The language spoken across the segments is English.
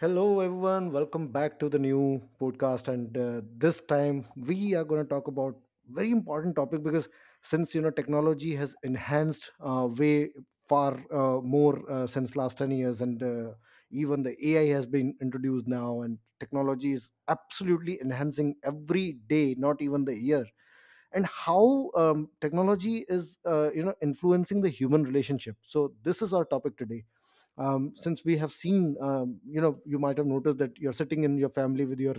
Hello, everyone. Welcome back to the new podcast. And this time we are going to talk about very important topic because since you know technology has enhanced way far more since last 10 years and even the ai has been introduced now, and technology is absolutely enhancing every day, not even the year. And how technology is you know influencing the human relationship. So this is our topic today. Since we have seen, you know, you might have noticed that you're sitting in your family with your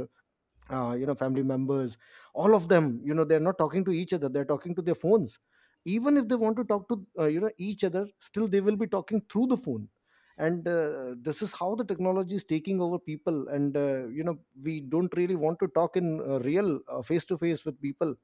you know family members, all of them, you know, they're not talking to each other, they're talking to their phones. Even if they want to talk to you know each other, still they will be talking through the phone. And this is how the technology is taking over people, and you know we don't really want to talk in real face to face with people.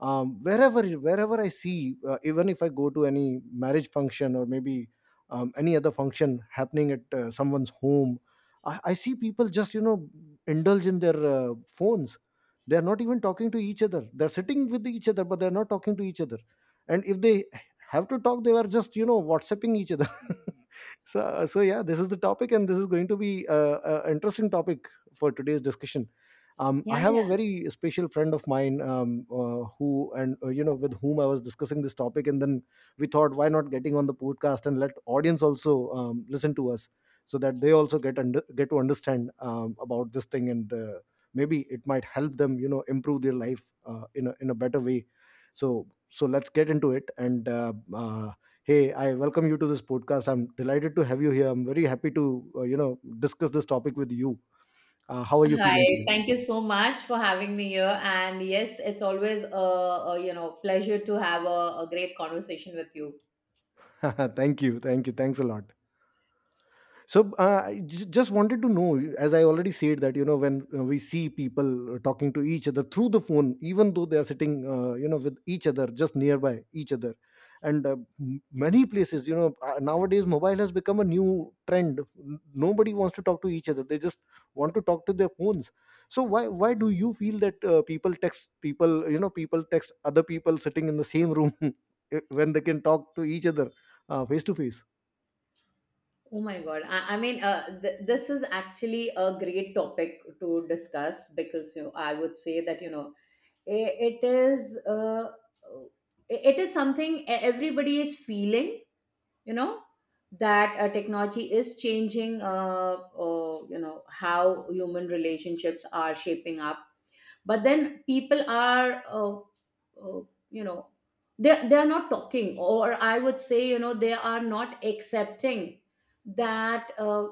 Wherever I see, even if I go to any marriage function or maybe any other function happening at someone's home, I see people just, you know, indulge in their phones. They're not even talking to each other, they're sitting with each other but they're not talking to each other. And if they have to talk, they are just, whatsapping each other. So yeah, this is the topic, and this is going to be an interesting topic for today's discussion. I Yeah, have a yeah. very special friend of mine, who and you know with whom I was discussing this topic, and then we thought, why not getting on the podcast and let audience also listen to us, so that they also get get to understand about this thing, and maybe it might help them, you know, improve their life in in a better way. So let's get into it. And Hey, I welcome you to this podcast. I'm delighted to have you here. I'm very happy to you know discuss this topic with you. How are you feeling Hi, today? thank you so much for having me here. And yes, it's always a pleasure to have a great conversation with you. Thank you, thank you, thanks a lot. So I just wanted to know, as I already said, that you know when we see people talking to each other through the phone, even though they are sitting you know with each other just nearby each other. And uh, m- many places, you know, nowadays mobile has become a new trend. N- nobody wants to talk to each other, they just want to talk to their phones. So why do you feel that people text people, you know, people text other people sitting in the same room when they can talk to each other face to face? Oh my God. I mean, this is actually a great topic to discuss because I would say that, it is it is something everybody is feeling, you know, that technology is changing, how human relationships are shaping up, but then people are uh, you know they are not talking, or I would say they are not accepting that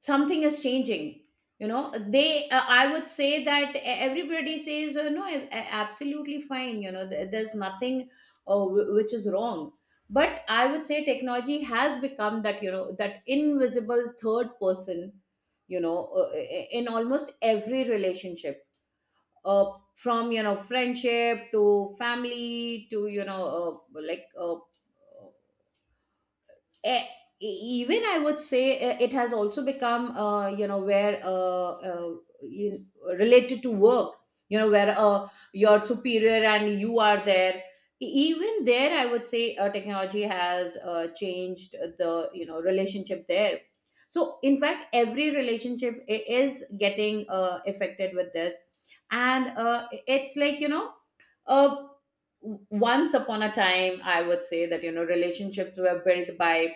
something is changing. you know they I would say that everybody says, "No, absolutely fine. There's nothing which is wrong." But I would say technology has become that, that invisible third person, you know uh, in almost every relationship, uh, from friendship to family to uh, like uh, e- even, I would say, it has also become, where you, related to work, where your superior and you are there. E- even there, I would say, technology has changed the relationship there. So in fact every relationship is getting affected with this. And it's like, uh, once upon a time, I would say that relationships were built by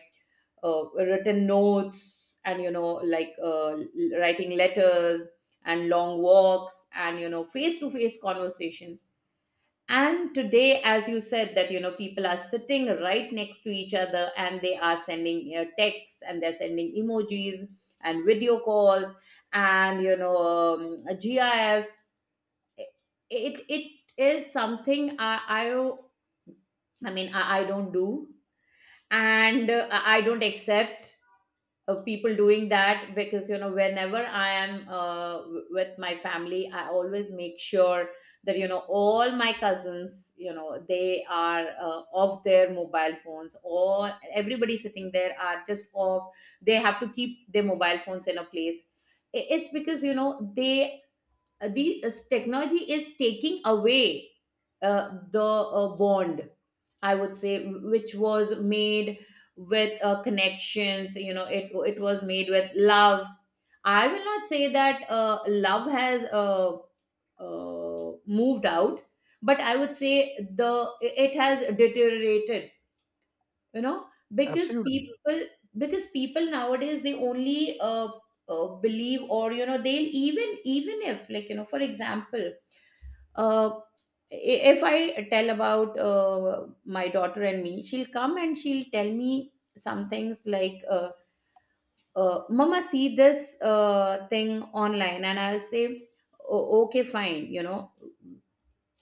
written notes and writing letters and long walks and face to face conversation. And today, as you said, that people are sitting right next to each other and they are sending texts, and they're sending emojis and video calls and gifs. It is something I mean I don't do. And I don't accept of people doing that, because whenever I am with my family, I always make sure that all my cousins, they are off their mobile phones, or everybody sitting there are just off. They have to keep their mobile phones in a place. It's because they the technology is taking away the bond, I would say, which was made with connections. It was made with love. I will not say that love has moved out, but I would say the it has deteriorated, you know because Absolutely. people, because people nowadays, they only believe, or they'll even if for example, uh, if I tell about my daughter and me, she'll come and she'll tell me some things like, "Mama, see this thing online." And I'll say, " okay, fine. You know,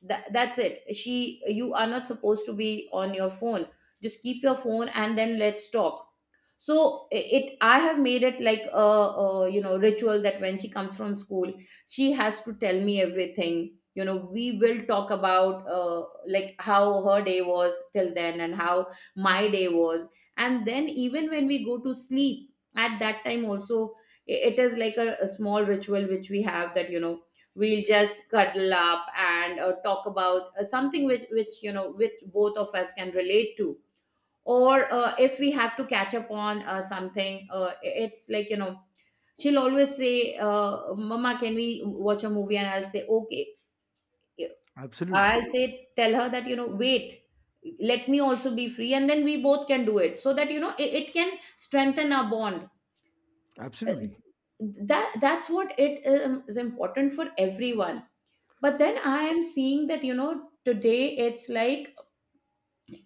that, That's it. She, you are not supposed to be on your phone. Just keep your phone and then let's talk." So it I have made it like a ritual that when she comes from school, she has to tell me everything. We will talk about how her day was till then and how my day was. And then even when we go to sleep, at that time also, it is like a small ritual which we have, that we'll just cuddle up and talk about something which which both of us can relate to. Or if we have to catch up on something, it's like, she'll always say, "Mama, can we watch a movie?" And I'll say okay. Absolutely. I'll say tell her that wait, let me also be free, and then we both can do it, so that it can strengthen our bond. Uh, Absolutely. that's what it is important for everyone. But then I am seeing that today it's like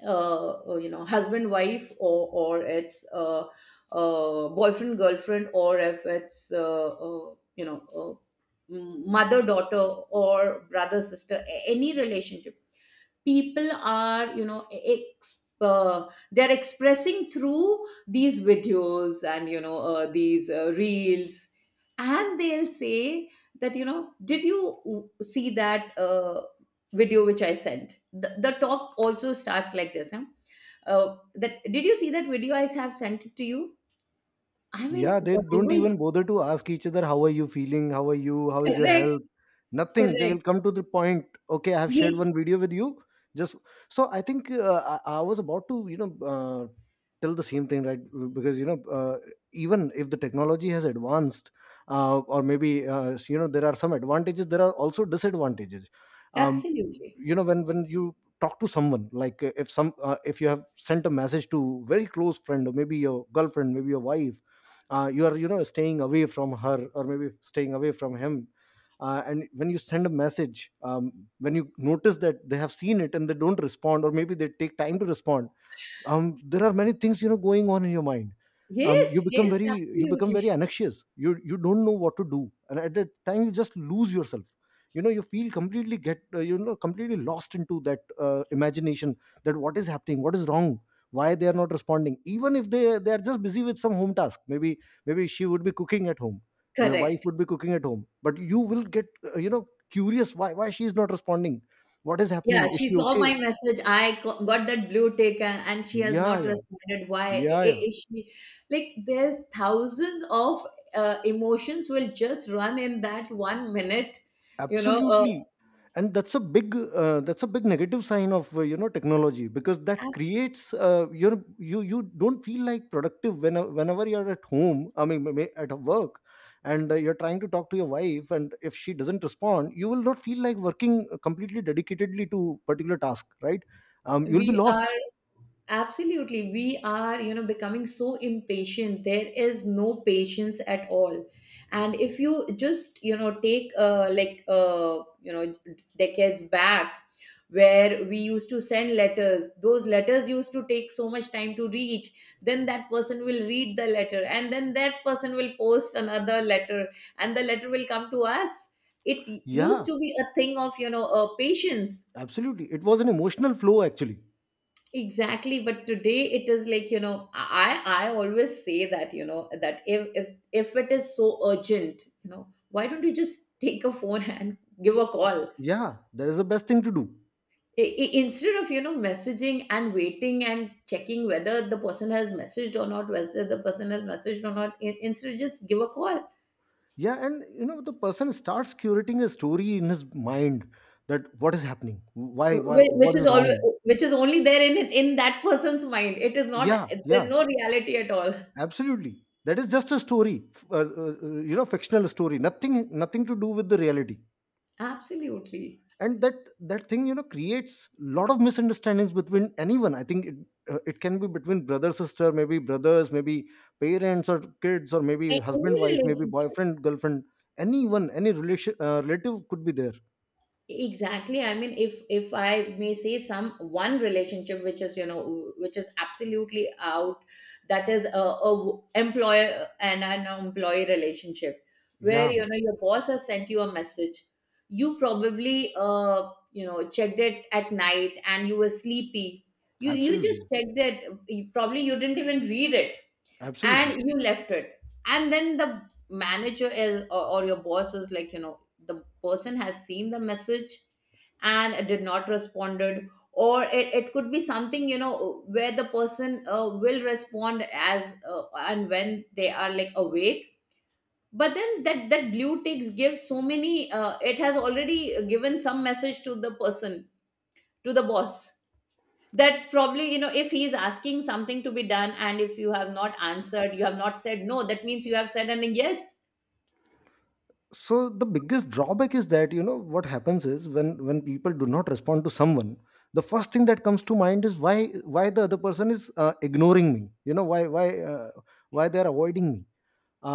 husband wife, or it's boyfriend girlfriend, or if it's uh, you know mother daughter, or brother sister, any relationship, people are they're expressing through these videos and these reels. And they'll say that did you see that video which I sent? The talk also starts like this, huh? That, did you see that video? I have sent it to you. I mean Yeah, they don't whatever even you- bother to ask each other, how are you feeling? How are you? How is your Correct. health? Nothing. They will Correct. come to the point. Okay, I have shared one Yes. video with you. Just so I think, uh, I was about to, you know, tell the same thing, right? Because you know, even if the technology has advanced, or maybe you know, there are some advantages. There are also disadvantages. Um, Absolutely. you know, when you talk to someone, like if you have sent a message to very close friend, or maybe your girlfriend, maybe your wife, you are, you know, staying away from her, or maybe staying away from him, and when you send a message, when you notice that they have seen it and they don't respond, or maybe they take time to respond, there are many things, you know, going on in your mind. um, Yes, you become yes, very you become absolutely. very anxious, you don't know what to do, and at that time you just lose yourself. You know, you feel completely get, you know, completely lost into that imagination, that what is happening, what is wrong, why they are not responding. Even if they are just busy with some home task, maybe maybe she would be cooking at home, your wife Correct. would be cooking at home, but you will get you know curious, why she is not responding, what is Yeah, happening, is she she saw okay. my message. Got that blue tick, and she has Yeah, not yeah. responded. Why Yeah, yeah. is she like? There's thousands of emotions will just run in that 1 minute. You know, uh, Absolutely. And that's a big negative sign of you know technology, because that creates your you you don't feel like productive when, whenever you're at home, I mean at work, and you're trying to talk to your wife, and if she doesn't respond, you will not feel like working completely dedicatedly to particular task, right? And you'll be we are. lost. Absolutely. We are, becoming so impatient. There is no patience at all. And if you just, take decades back, where we used to send letters, those letters used to take so much time to reach. Then that person will read the letter, and then that person will post another letter, and the letter will come to us. It used Yeah, to be a thing of, patience. absolutely, it was an emotional flow actually. Exactly. But today it is like, I always say that that if it is so urgent, why don't you just take a phone and give a call? Yeah, that is the best thing to do. Instead of messaging and waiting and checking whether the person has messaged or not, whether the person has messaged or not, instead just give a call. Yeah, and you know the person starts curating a story in his mind, that what is happening, why Which what is is wrong. always, which is only there in that person's mind. It is not, Yeah, there's yeah. no reality at all. Absolutely, that is just a story, you know, fictional story, nothing to do with the reality. Absolutely. And that that thing, you know, creates lot of misunderstandings between anyone. I think it can be between brother sister, maybe brothers, maybe parents or kids, or maybe A- husband any wife, maybe relationship. boyfriend girlfriend. Anyone, any relation relative could be there. Exactly. I mean, if I may say, some one relationship which is which is absolutely out, that is a, employer and an employee relationship, where Yeah, your boss has sent you a message. You probably checked it at night, and you were sleepy. You just absolutely. checked it. Probably you didn't even read it. Absolutely. And you left it. And then the manager is, or your boss is like, the person has seen the message and did not responded. Or it could be something, where the person will respond as and when they are like awake. But then that, that blue ticks gives so many it has already given some message to the person, to the boss, that probably if he is asking something to be done, and if you have not answered, you have not said no, that means you have said an yes. So the biggest drawback is that, you know, what happens is when people do not respond to someone, the first thing that comes to mind is why the other person is ignoring me. You know why they are avoiding me.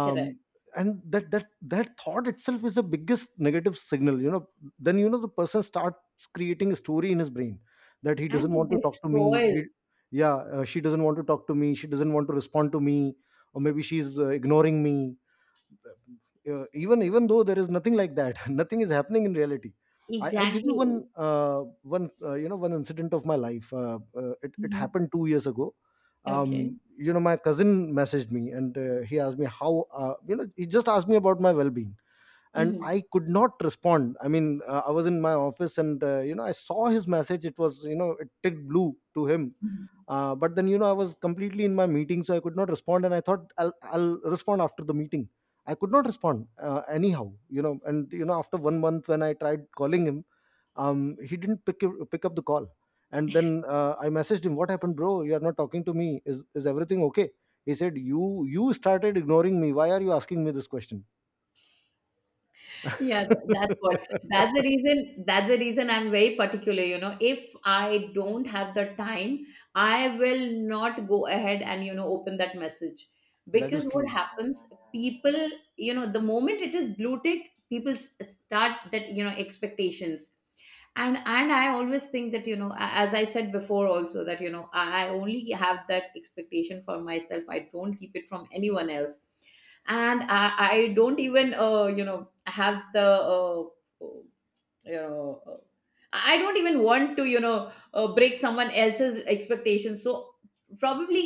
Correct. and that thought itself is the biggest negative signal. You know, then you know the person starts creating a story in his brain, that he And doesn't want to it talk to me. He, destroys. yeah, she doesn't want to talk to me, she doesn't want to respond to me, or maybe she's ignoring me, even though there is nothing like that, nothing is happening in reality. I give you Exactly. one, you know, one incident of my life. It Mhm. happened 2 years ago. Okay. You know, my cousin messaged me, and he asked me how, you know, he just asked me about my well-being, and Hmm. I could not respond. I mean, I was in my office, and you know I saw his message, it was, you know, it ticked blue to him. But then you know I was completely in my meeting, so I could not respond, and I thought I'll respond after the meeting. I could not respond anyhow, you know. And you know after 1 month, when I tried calling him, he didn't pick up the call. And then I messaged him, what happened bro, you are not talking to me, is everything okay? He said, you started ignoring me, why are you asking me this question? Yeah, that's what. That's the reason. That's the reason I'm very particular. You know, if I don't have the time, I will not go ahead and open that message, That is because what true. happens, people, you know, the moment it is blue tick, people start that expectations. And I always think that as I said before also, that I only have that expectation for myself. I don't keep it from anyone else. And I don't even have the uh, uh, I don't even want to break someone else's expectations. So probably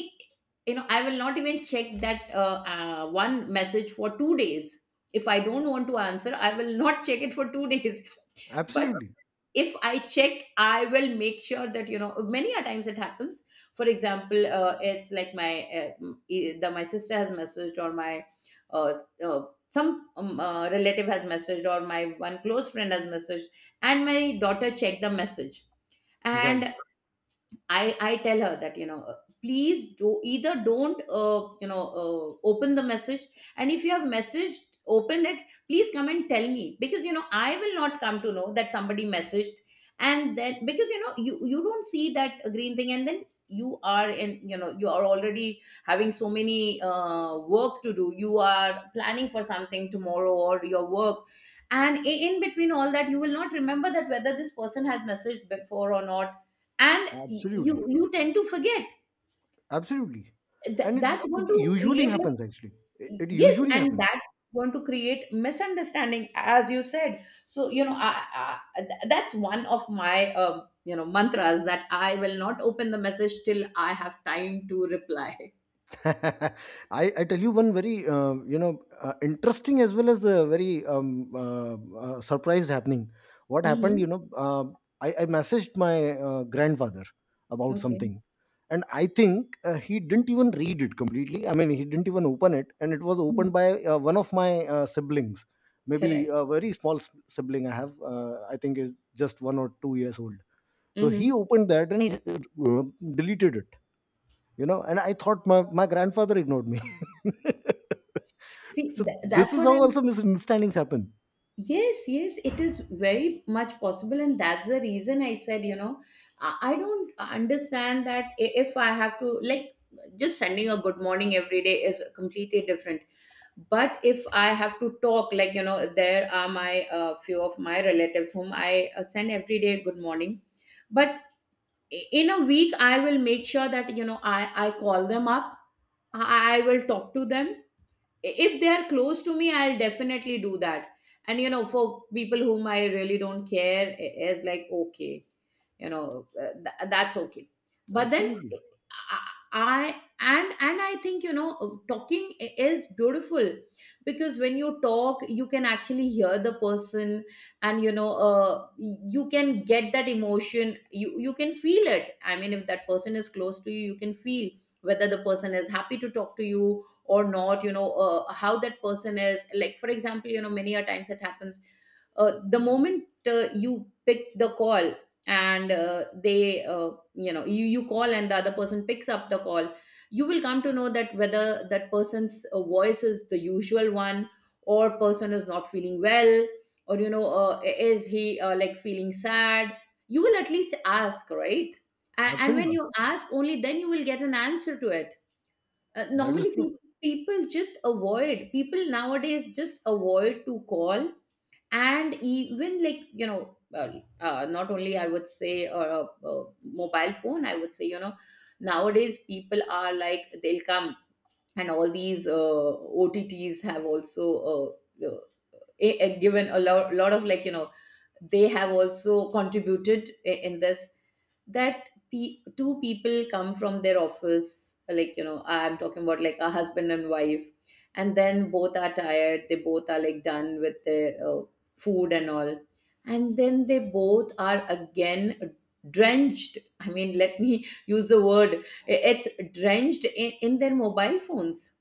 I will not even check that one message for 2 days. If I don't want to answer, I will not check it for 2 days. But Absolutely if I check, I will make sure that many a times it happens. For example, it's like my mm, e- the my sister has messaged, or my uh, uh, some relative has messaged, or my one close friend has messaged, and my daughter checked the message. right. And. I tell her that please do either don't open the message, and if you have messaged, open it. Please come and tell me because you know I will not come to know that somebody messaged. And then because you know you don't see that green thing, and then you are in, you know, you are already having so many work to do, you are planning for something tomorrow or your work, and in between all that you will not remember that whether this person has messaged before or not, and y- you Absolutely. you tend to forget. Absolutely. And it, That's going it to usually create, happens actually. It, it yes, usually and happens. that's going to create misunderstanding, as you said. So you know, that's one of my you know, mantras, that I will not open the message till I have time to reply. I, I tell you one very, you know, interesting as well as the very surprised happening. What happened? You Hmm. know, I messaged my grandfather about Okay. something, and I think he didn't even read it completely. I mean, he didn't even open it, and it was Mhm. opened by one of my siblings, maybe Correct. a very sibling I have. I think is just 1 or 2 years old. So he Hmm. opened that, and he deleted it, you know. And I thought my grandfather ignored me. see So th- this that's is what how I'm... also misunderstandings happen. Yes, yes, it is very much possible, and that's the reason I said, you know, I don't understand that, if I have to, like, just sending a good morning every day is completely different. But if I have to talk, like, you know, there are my few of my relatives whom I send every day good morning. But in a week, I will make sure that, you know, I call them up, I will talk to them. If they are close to me, I'll definitely do that. And you know, for people whom I really don't care, is like, okay, that's okay. But then Absolutely. I, and I think, you know, talking is beautiful because when you talk, you can actually hear the person. And you know, you can get that emotion, you can feel it. I mean, if that person is close to you, you can feel whether the person is happy to talk to you or not, you know. How that person is, like, for example, you know, many a times it happens, the moment you pick the call, and they you know, you call and the other person picks up the call, you will come to know that whether that person's voice is the usual one, or person is not feeling well, or you know, is he, like, feeling sad. You will at least ask, right? And when Absolutely. you ask, only then you will get an answer to it. That is Normally, true. people, people just avoid. People nowadays just avoid to call, and even, like, you know, not only, I would say, mobile phone. I would say, you know, nowadays people are like, they'll come, and all these OTTs have also given a lot, lot of, like, you know, they have also contributed in this, that two people come from their office, like, you know, I'm talking about, like, a husband and wife, and then both are tired, they both are like done with their food and all, and then they both are again drenched, I mean, let me use the word, it's drenched in their mobile phones.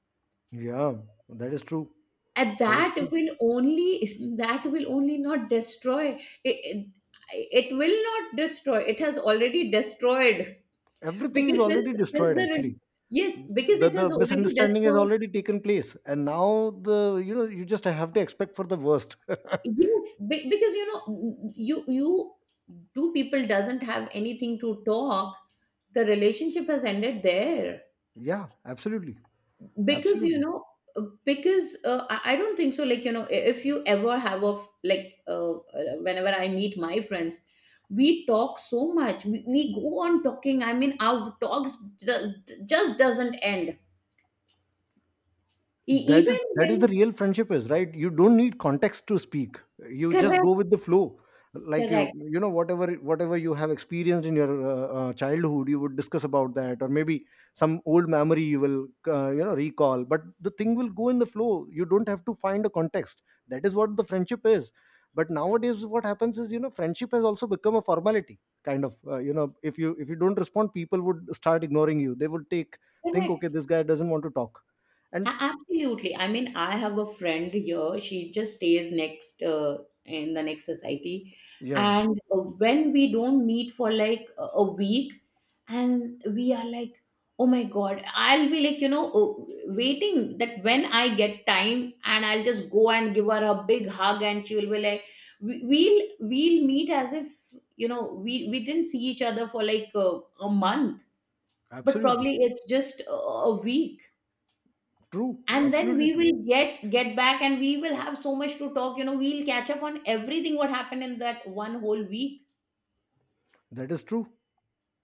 Yeah, that is true. And That is that true. will only that will only not destroy, it, it it will not destroy, it has already destroyed. Everything is Because since, already since destroyed the re- actually. yes, because it has The already misunderstanding has destroyed. already taken place. And now the, you know, you just have to expect for the worst. Yes, because you know, you two people doesn't have anything to talk, the relationship has ended there. Yeah, absolutely. Because you Absolutely. know, because I don't think so, like, you know, if you ever have of, like, whenever I meet my friends, we talk so much, we go on talking. I mean, our talks ju- just doesn't end. That Even is that is the when... real friendship is, right? You don't need context to speak, you just correct. go with the flow. Like you Correct. you know, whatever you have experienced in your childhood, you would discuss about that, or maybe some old memory you will, you know, recall, but the thing will go in the flow. You don't have to find a context. That is what the friendship is. But nowadays what happens is, you know, friendship has also become a formality kind of, you know, if you don't respond, people would start ignoring you, they would take think okay, Correct. this guy doesn't want to talk. And Absolutely. I mean, I have a friend here. She just stays next, in the next society. yeah, And when we don't meet for like a week, and we are like, oh my God, I'll be like, you know, waiting, that when I get time, and I'll just go and give her a big hug. And she will be like, we'll meet as if, you know, we didn't see each other for like a month, but absolutely probably it's just a week. true. And then we Absolutely true. will get back, and we will have so much to talk. You know, we'll catch up on everything, what happened in that one whole week. That is true.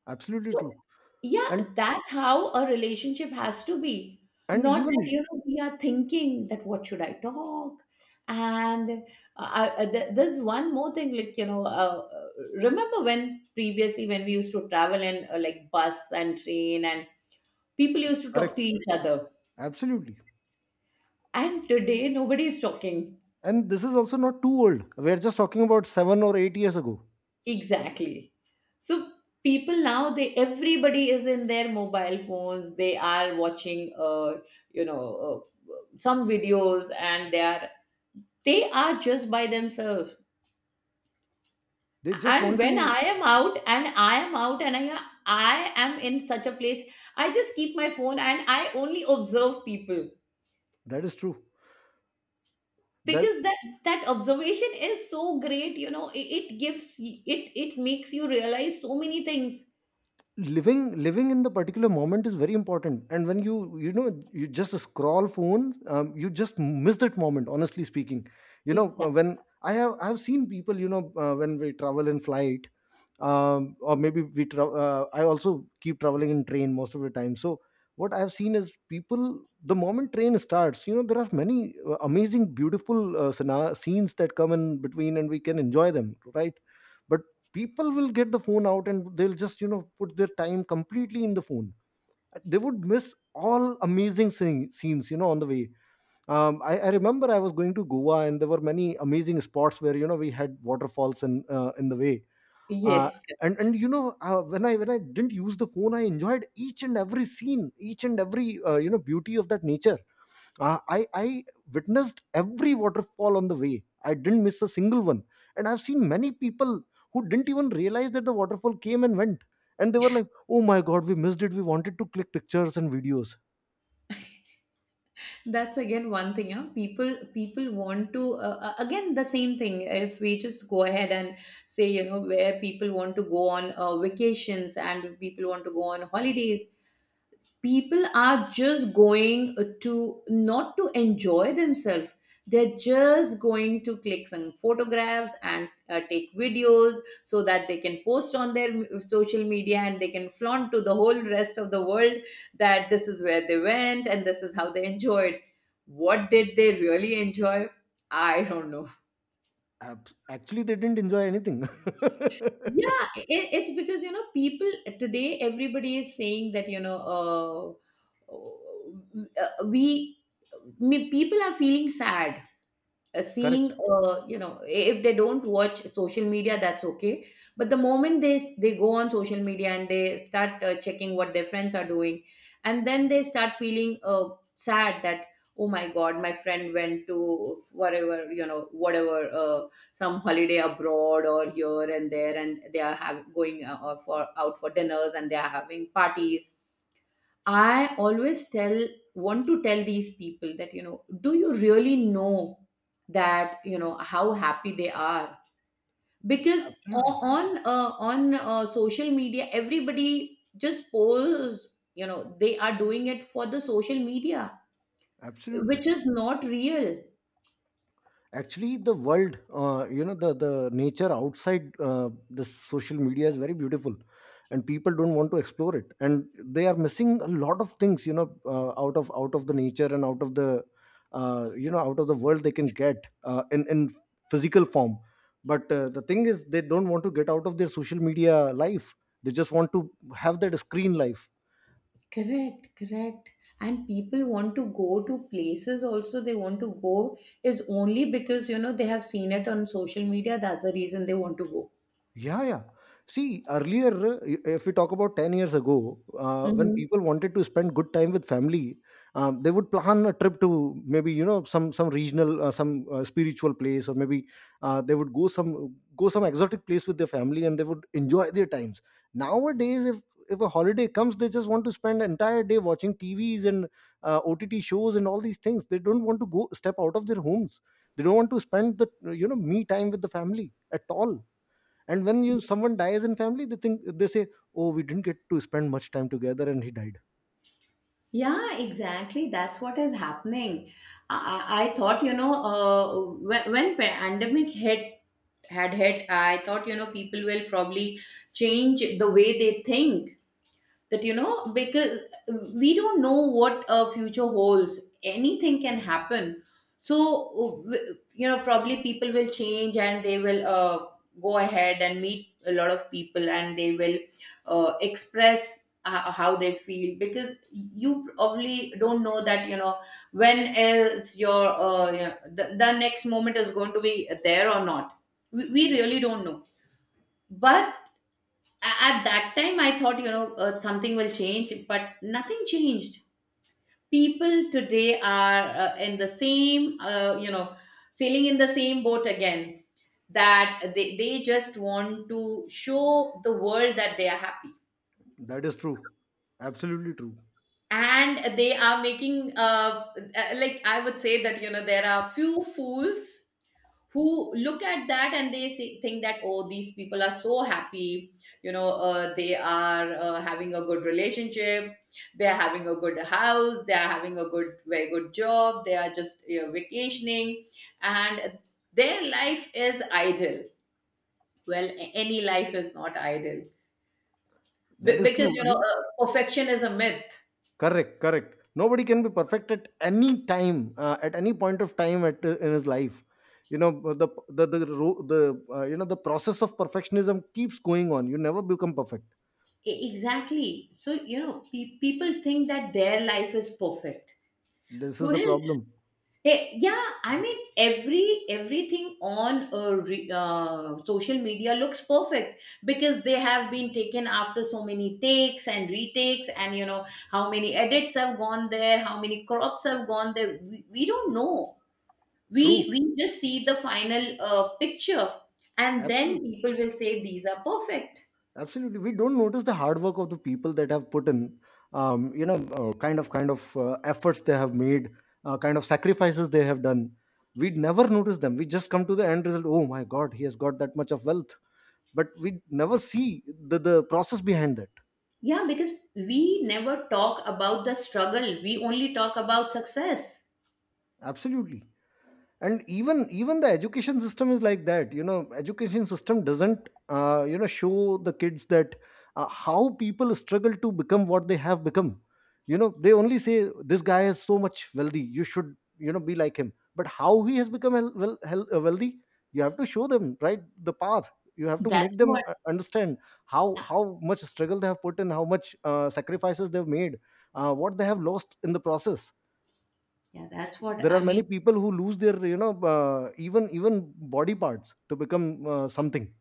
Absolutely So true. yeah, And that's how a relationship has to be. and Not that, even you know, we are thinking that what should I talk and I, there's one more thing, like, you know, remember when previously, when we used to travel in, like, bus and train, and people used to talk to correct. each other, Absolutely. and today nobody is talking. And this is also not too old. We are just talking about 7 or 8 years ago. Exactly. So people now, they, everybody is in their mobile phones. They are watching you know, some videos, and they are just by themselves. They just And want when to. I am out, and I am in such a place, I just keep my phone and I only observe people That is true. That because that, that observation is so great. You know, it gives y- it makes you realize so many things. living living in the particular moment is very important. And when you know you just scroll phone, you just miss that moment, honestly speaking. You know, Exactly. when I have seen people, you know, when we travel in flight, or maybe I also keep traveling in train most of the time. So what I have seen is, people the moment train starts, you know, there are many amazing beautiful scenes that come in between, and we can enjoy them, right? But people will get the phone out and they'll just, you know, put their time completely in the phone. They would miss all amazing scenes, you know, on the way. I remember I was going to Goa, and there were many amazing spots where, you know, we had waterfalls in the way. uh, Yes, and and you know, when I didn't use the phone, I enjoyed each and every scene, each and every, you know, beauty of that nature. I witnessed every waterfall on the way. I didn't miss a single one. And I've seen many people who didn't even realize that the waterfall came and went. And they were like, oh my God, we missed it. We wanted to click pictures and videos. that's again one thing. Yeah, people want to, again the same thing, if we just go ahead and say, you know, where people want to go on vacations, and people want to go on holidays, people are just going to not to enjoy themselves, they're just going to click some photographs and take videos so that they can post on their social media, and they can flaunt to the whole rest of the world that this is where they went, and this is how they enjoyed. What did they really enjoy? I don't know. Actually, they didn't enjoy anything. Yeah, it's because, you know, people today, everybody is saying that, you know, uh, uh, we people are feeling sad, seeing, Correct. You know, if they don't watch social media, that's okay, but the moment they go on social media and they start checking what their friends are doing, and then they start feeling sad that, oh my God, my friend went to whatever, you know, whatever, some holiday abroad or here and there, and they are have going for out for dinners, and they are having parties. I always tell want to tell these people that, you know, do you really know that, you know, how happy they are? Because o- Absolutely. on uh, on uh, social media, everybody just pose, you know, they are doing it for the social media, which Absolutely. is not real. Actually, the world, you know, the nature outside, the social media is very beautiful, and people don't want to explore it. And they are missing a lot of things, you know, out of the nature and out of the, you know, out of the world they can get, in physical form. But the thing is, they don't want to get out of their social media life. They just want to have that screen life. Correct, correct. And people want to go to places also, they want to go is only because, you know, they have seen it on social media, that's the reason they want to go. Yeah, yeah. See, earlier, if we talk about 10 years ago, when people wanted to spend good time with family, they would plan a trip to maybe, you know, some regional, some spiritual place, or maybe they would go some exotic place with their family, and they would enjoy their times. Nowadays, if a holiday comes, they just want to spend entire day watching T V's and OTT shows and all these things. They don't want to go step out of their homes. They don't want to spend the, you know, me time with the family at all. And when you someone dies in family, they think, they say, oh, we didn't get to spend much time together and he died. Yeah, exactly. That's what is happening. I, I thought, you know, when pandemic hit had hit, I thought, you know, people will probably change the way they think. That, you know, because we don't know what a future holds, anything can happen. So, you know, probably people will change, and they will, go ahead and meet a lot of people, and they will express how they feel, because you probably don't know that, you know, when is your, you know, the next moment is going to be there or not. We really don't know. But at that time, I thought, you know, something will change, but nothing changed. People today are in the same, you know, sailing in the same boat again, that they just want to show the world that they are happy. That is true. Absolutely true. And they are making, like, I would say, that, you know, there are few fools who look at that and they think that, oh, these people are so happy, you know, they are having a good relationship, they are having a good house, they are having a good very good job, they are just, you know, vacationing, and their life is idle. Well, any life is not idle. That is Because true. you know, You perfection is a myth. correct correct. Nobody can be perfect at any time, at any point of time, at in his life. You know, uh, the, ro- the you know, the process of perfectionism keeps going on. You never become perfect. Exactly. So, you know, people think that their life is perfect. This is the Well, problem. eh, yeah, I mean, everything on a social media looks perfect, because they have been taken after so many takes and retakes, and you know how many edits have gone there, how many crops have gone there. We don't know. True. We just see the final picture, and then Absolutely. people will say these are perfect. Absolutely, we don't notice the hard work of the people that have put in, you know, kind of efforts they have made, kind of sacrifices they have done. We never notice them. We just come to the end result. Oh my God, he has got that much of wealth, but we never see the process behind that. Yeah, because we never talk about the struggle. We only talk about success. Absolutely. And even the education system is like that. You know, education system doesn't, you know, show the kids that, how people struggle to become what they have become. You know, they only say this guy is so much wealthy, you should, you know, be like him. But how he has become wealthy, you have to show them right the path. You have to make That's them what. Understand Yeah, how much struggle they have put in, how much sacrifices they've made, what they have lost in the process. yeah, that's what There are I many mean. people who lose their, you know, even body parts to become something.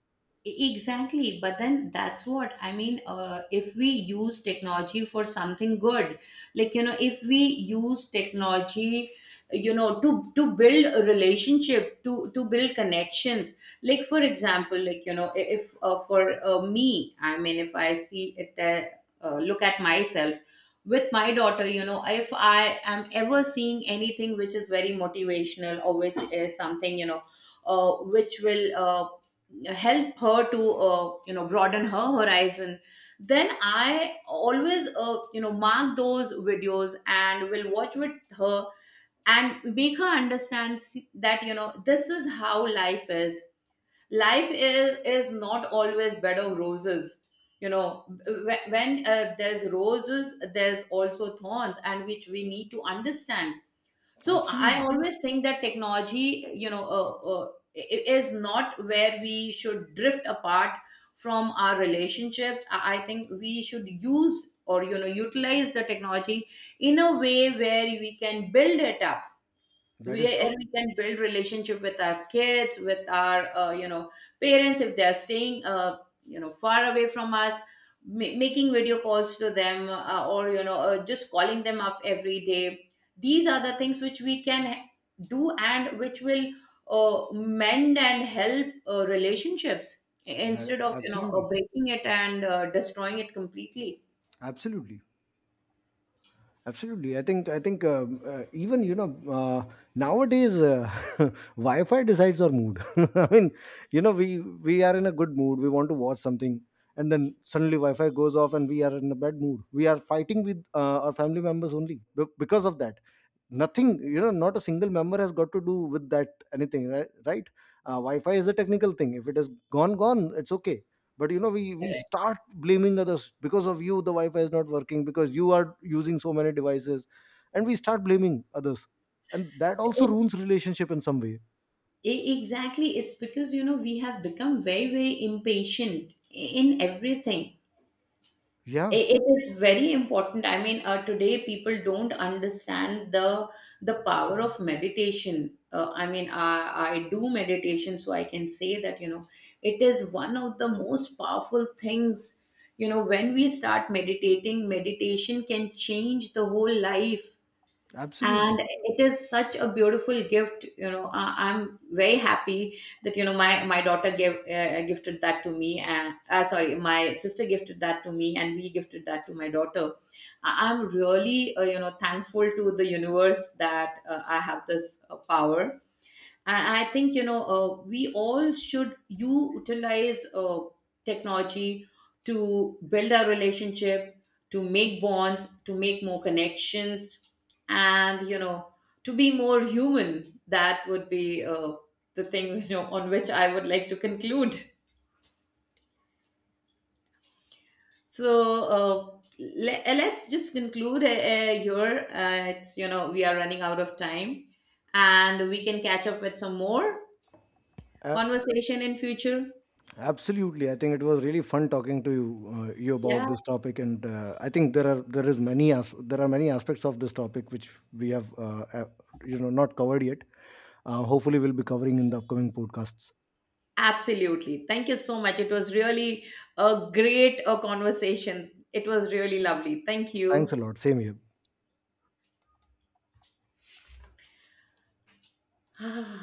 Exactly, but then that's what I mean. If we use technology for something good, like, you know, if we use technology, you know, to build a relationship, to build connections. Like, for example, like, you know, I- if for me, I mean, if I see it, look at myself with my daughter, you know, if I am ever seeing anything which is very motivational, or which is something, you know, which will. Help her to, you know, broaden her horizon, then I always, you know, mark those videos and will watch with her, and make her understand, that, you know, this is how life is. Life is not always bed of roses. You know, when there's roses, there's also thorns, and which we need to understand. So I Absolutely. always think that technology, you know, is not where we should drift apart from our relationships. I think we should use, or you know, utilize the technology in a way where we can build it up, That is true. where we can build relationship with our kids, with our, you know, parents, if they are staying, you know, far away from us, making video calls to them, or you know, just calling them up every day. These are the things which we can do and which will, mend and help relationships, That, instead of, you know, absolutely. breaking it and destroying it completely. Absolutely. Absolutely. I think even, you know, uh, nowadays, wi-fi decides our mood I mean, you know, we are in a good mood, we want to watch something, and then suddenly wi-fi goes off and we are in a bad mood. We are fighting with our family members only because of that. Nothing, you know, not a single member has got to do with that anything, right? Right. Wi-fi is a technical thing. If it is gone, it's okay. But you know, we start blaming others because of you the wi-fi is not working, because you are using so many devices. And we start blaming others, and that also Correct. ruins relationship in some way. Exactly. It's because, you know, we have become very, very impatient in everything. Yeah, It is very important. I mean, today people don't understand the power of meditation. I mean, I do meditation, so I can say that, you know, it is one of the most powerful things. You know, when we start meditating, meditation can change the whole life. absolutely. And it is such a beautiful gift. You know, I'm very happy that, you know, my daughter gave gifted that to me, and sorry, my sister gifted that to me, and we gifted that to my daughter. I'm really, you know, thankful to the universe that I have this power. And I think, you know, we all should utilize technology to build our relationship, to make bonds, to make more connections, and you know, to be more human. That would be, the thing you know, on which I would like to conclude. So, uh, let's just conclude, here. It's, you know, we are running out of time, and we can catch up with some more conversation in future. Absolutely. I think it was really fun talking to you, you, about Yeah. this topic. And I think there are many aspects of this topic which we have, you know, not covered yet. Hopefully we'll be covering in the upcoming podcasts. Absolutely. Thank you so much. It was really a great conversation. It was really lovely. Thank Thanks a you. lot. Same here.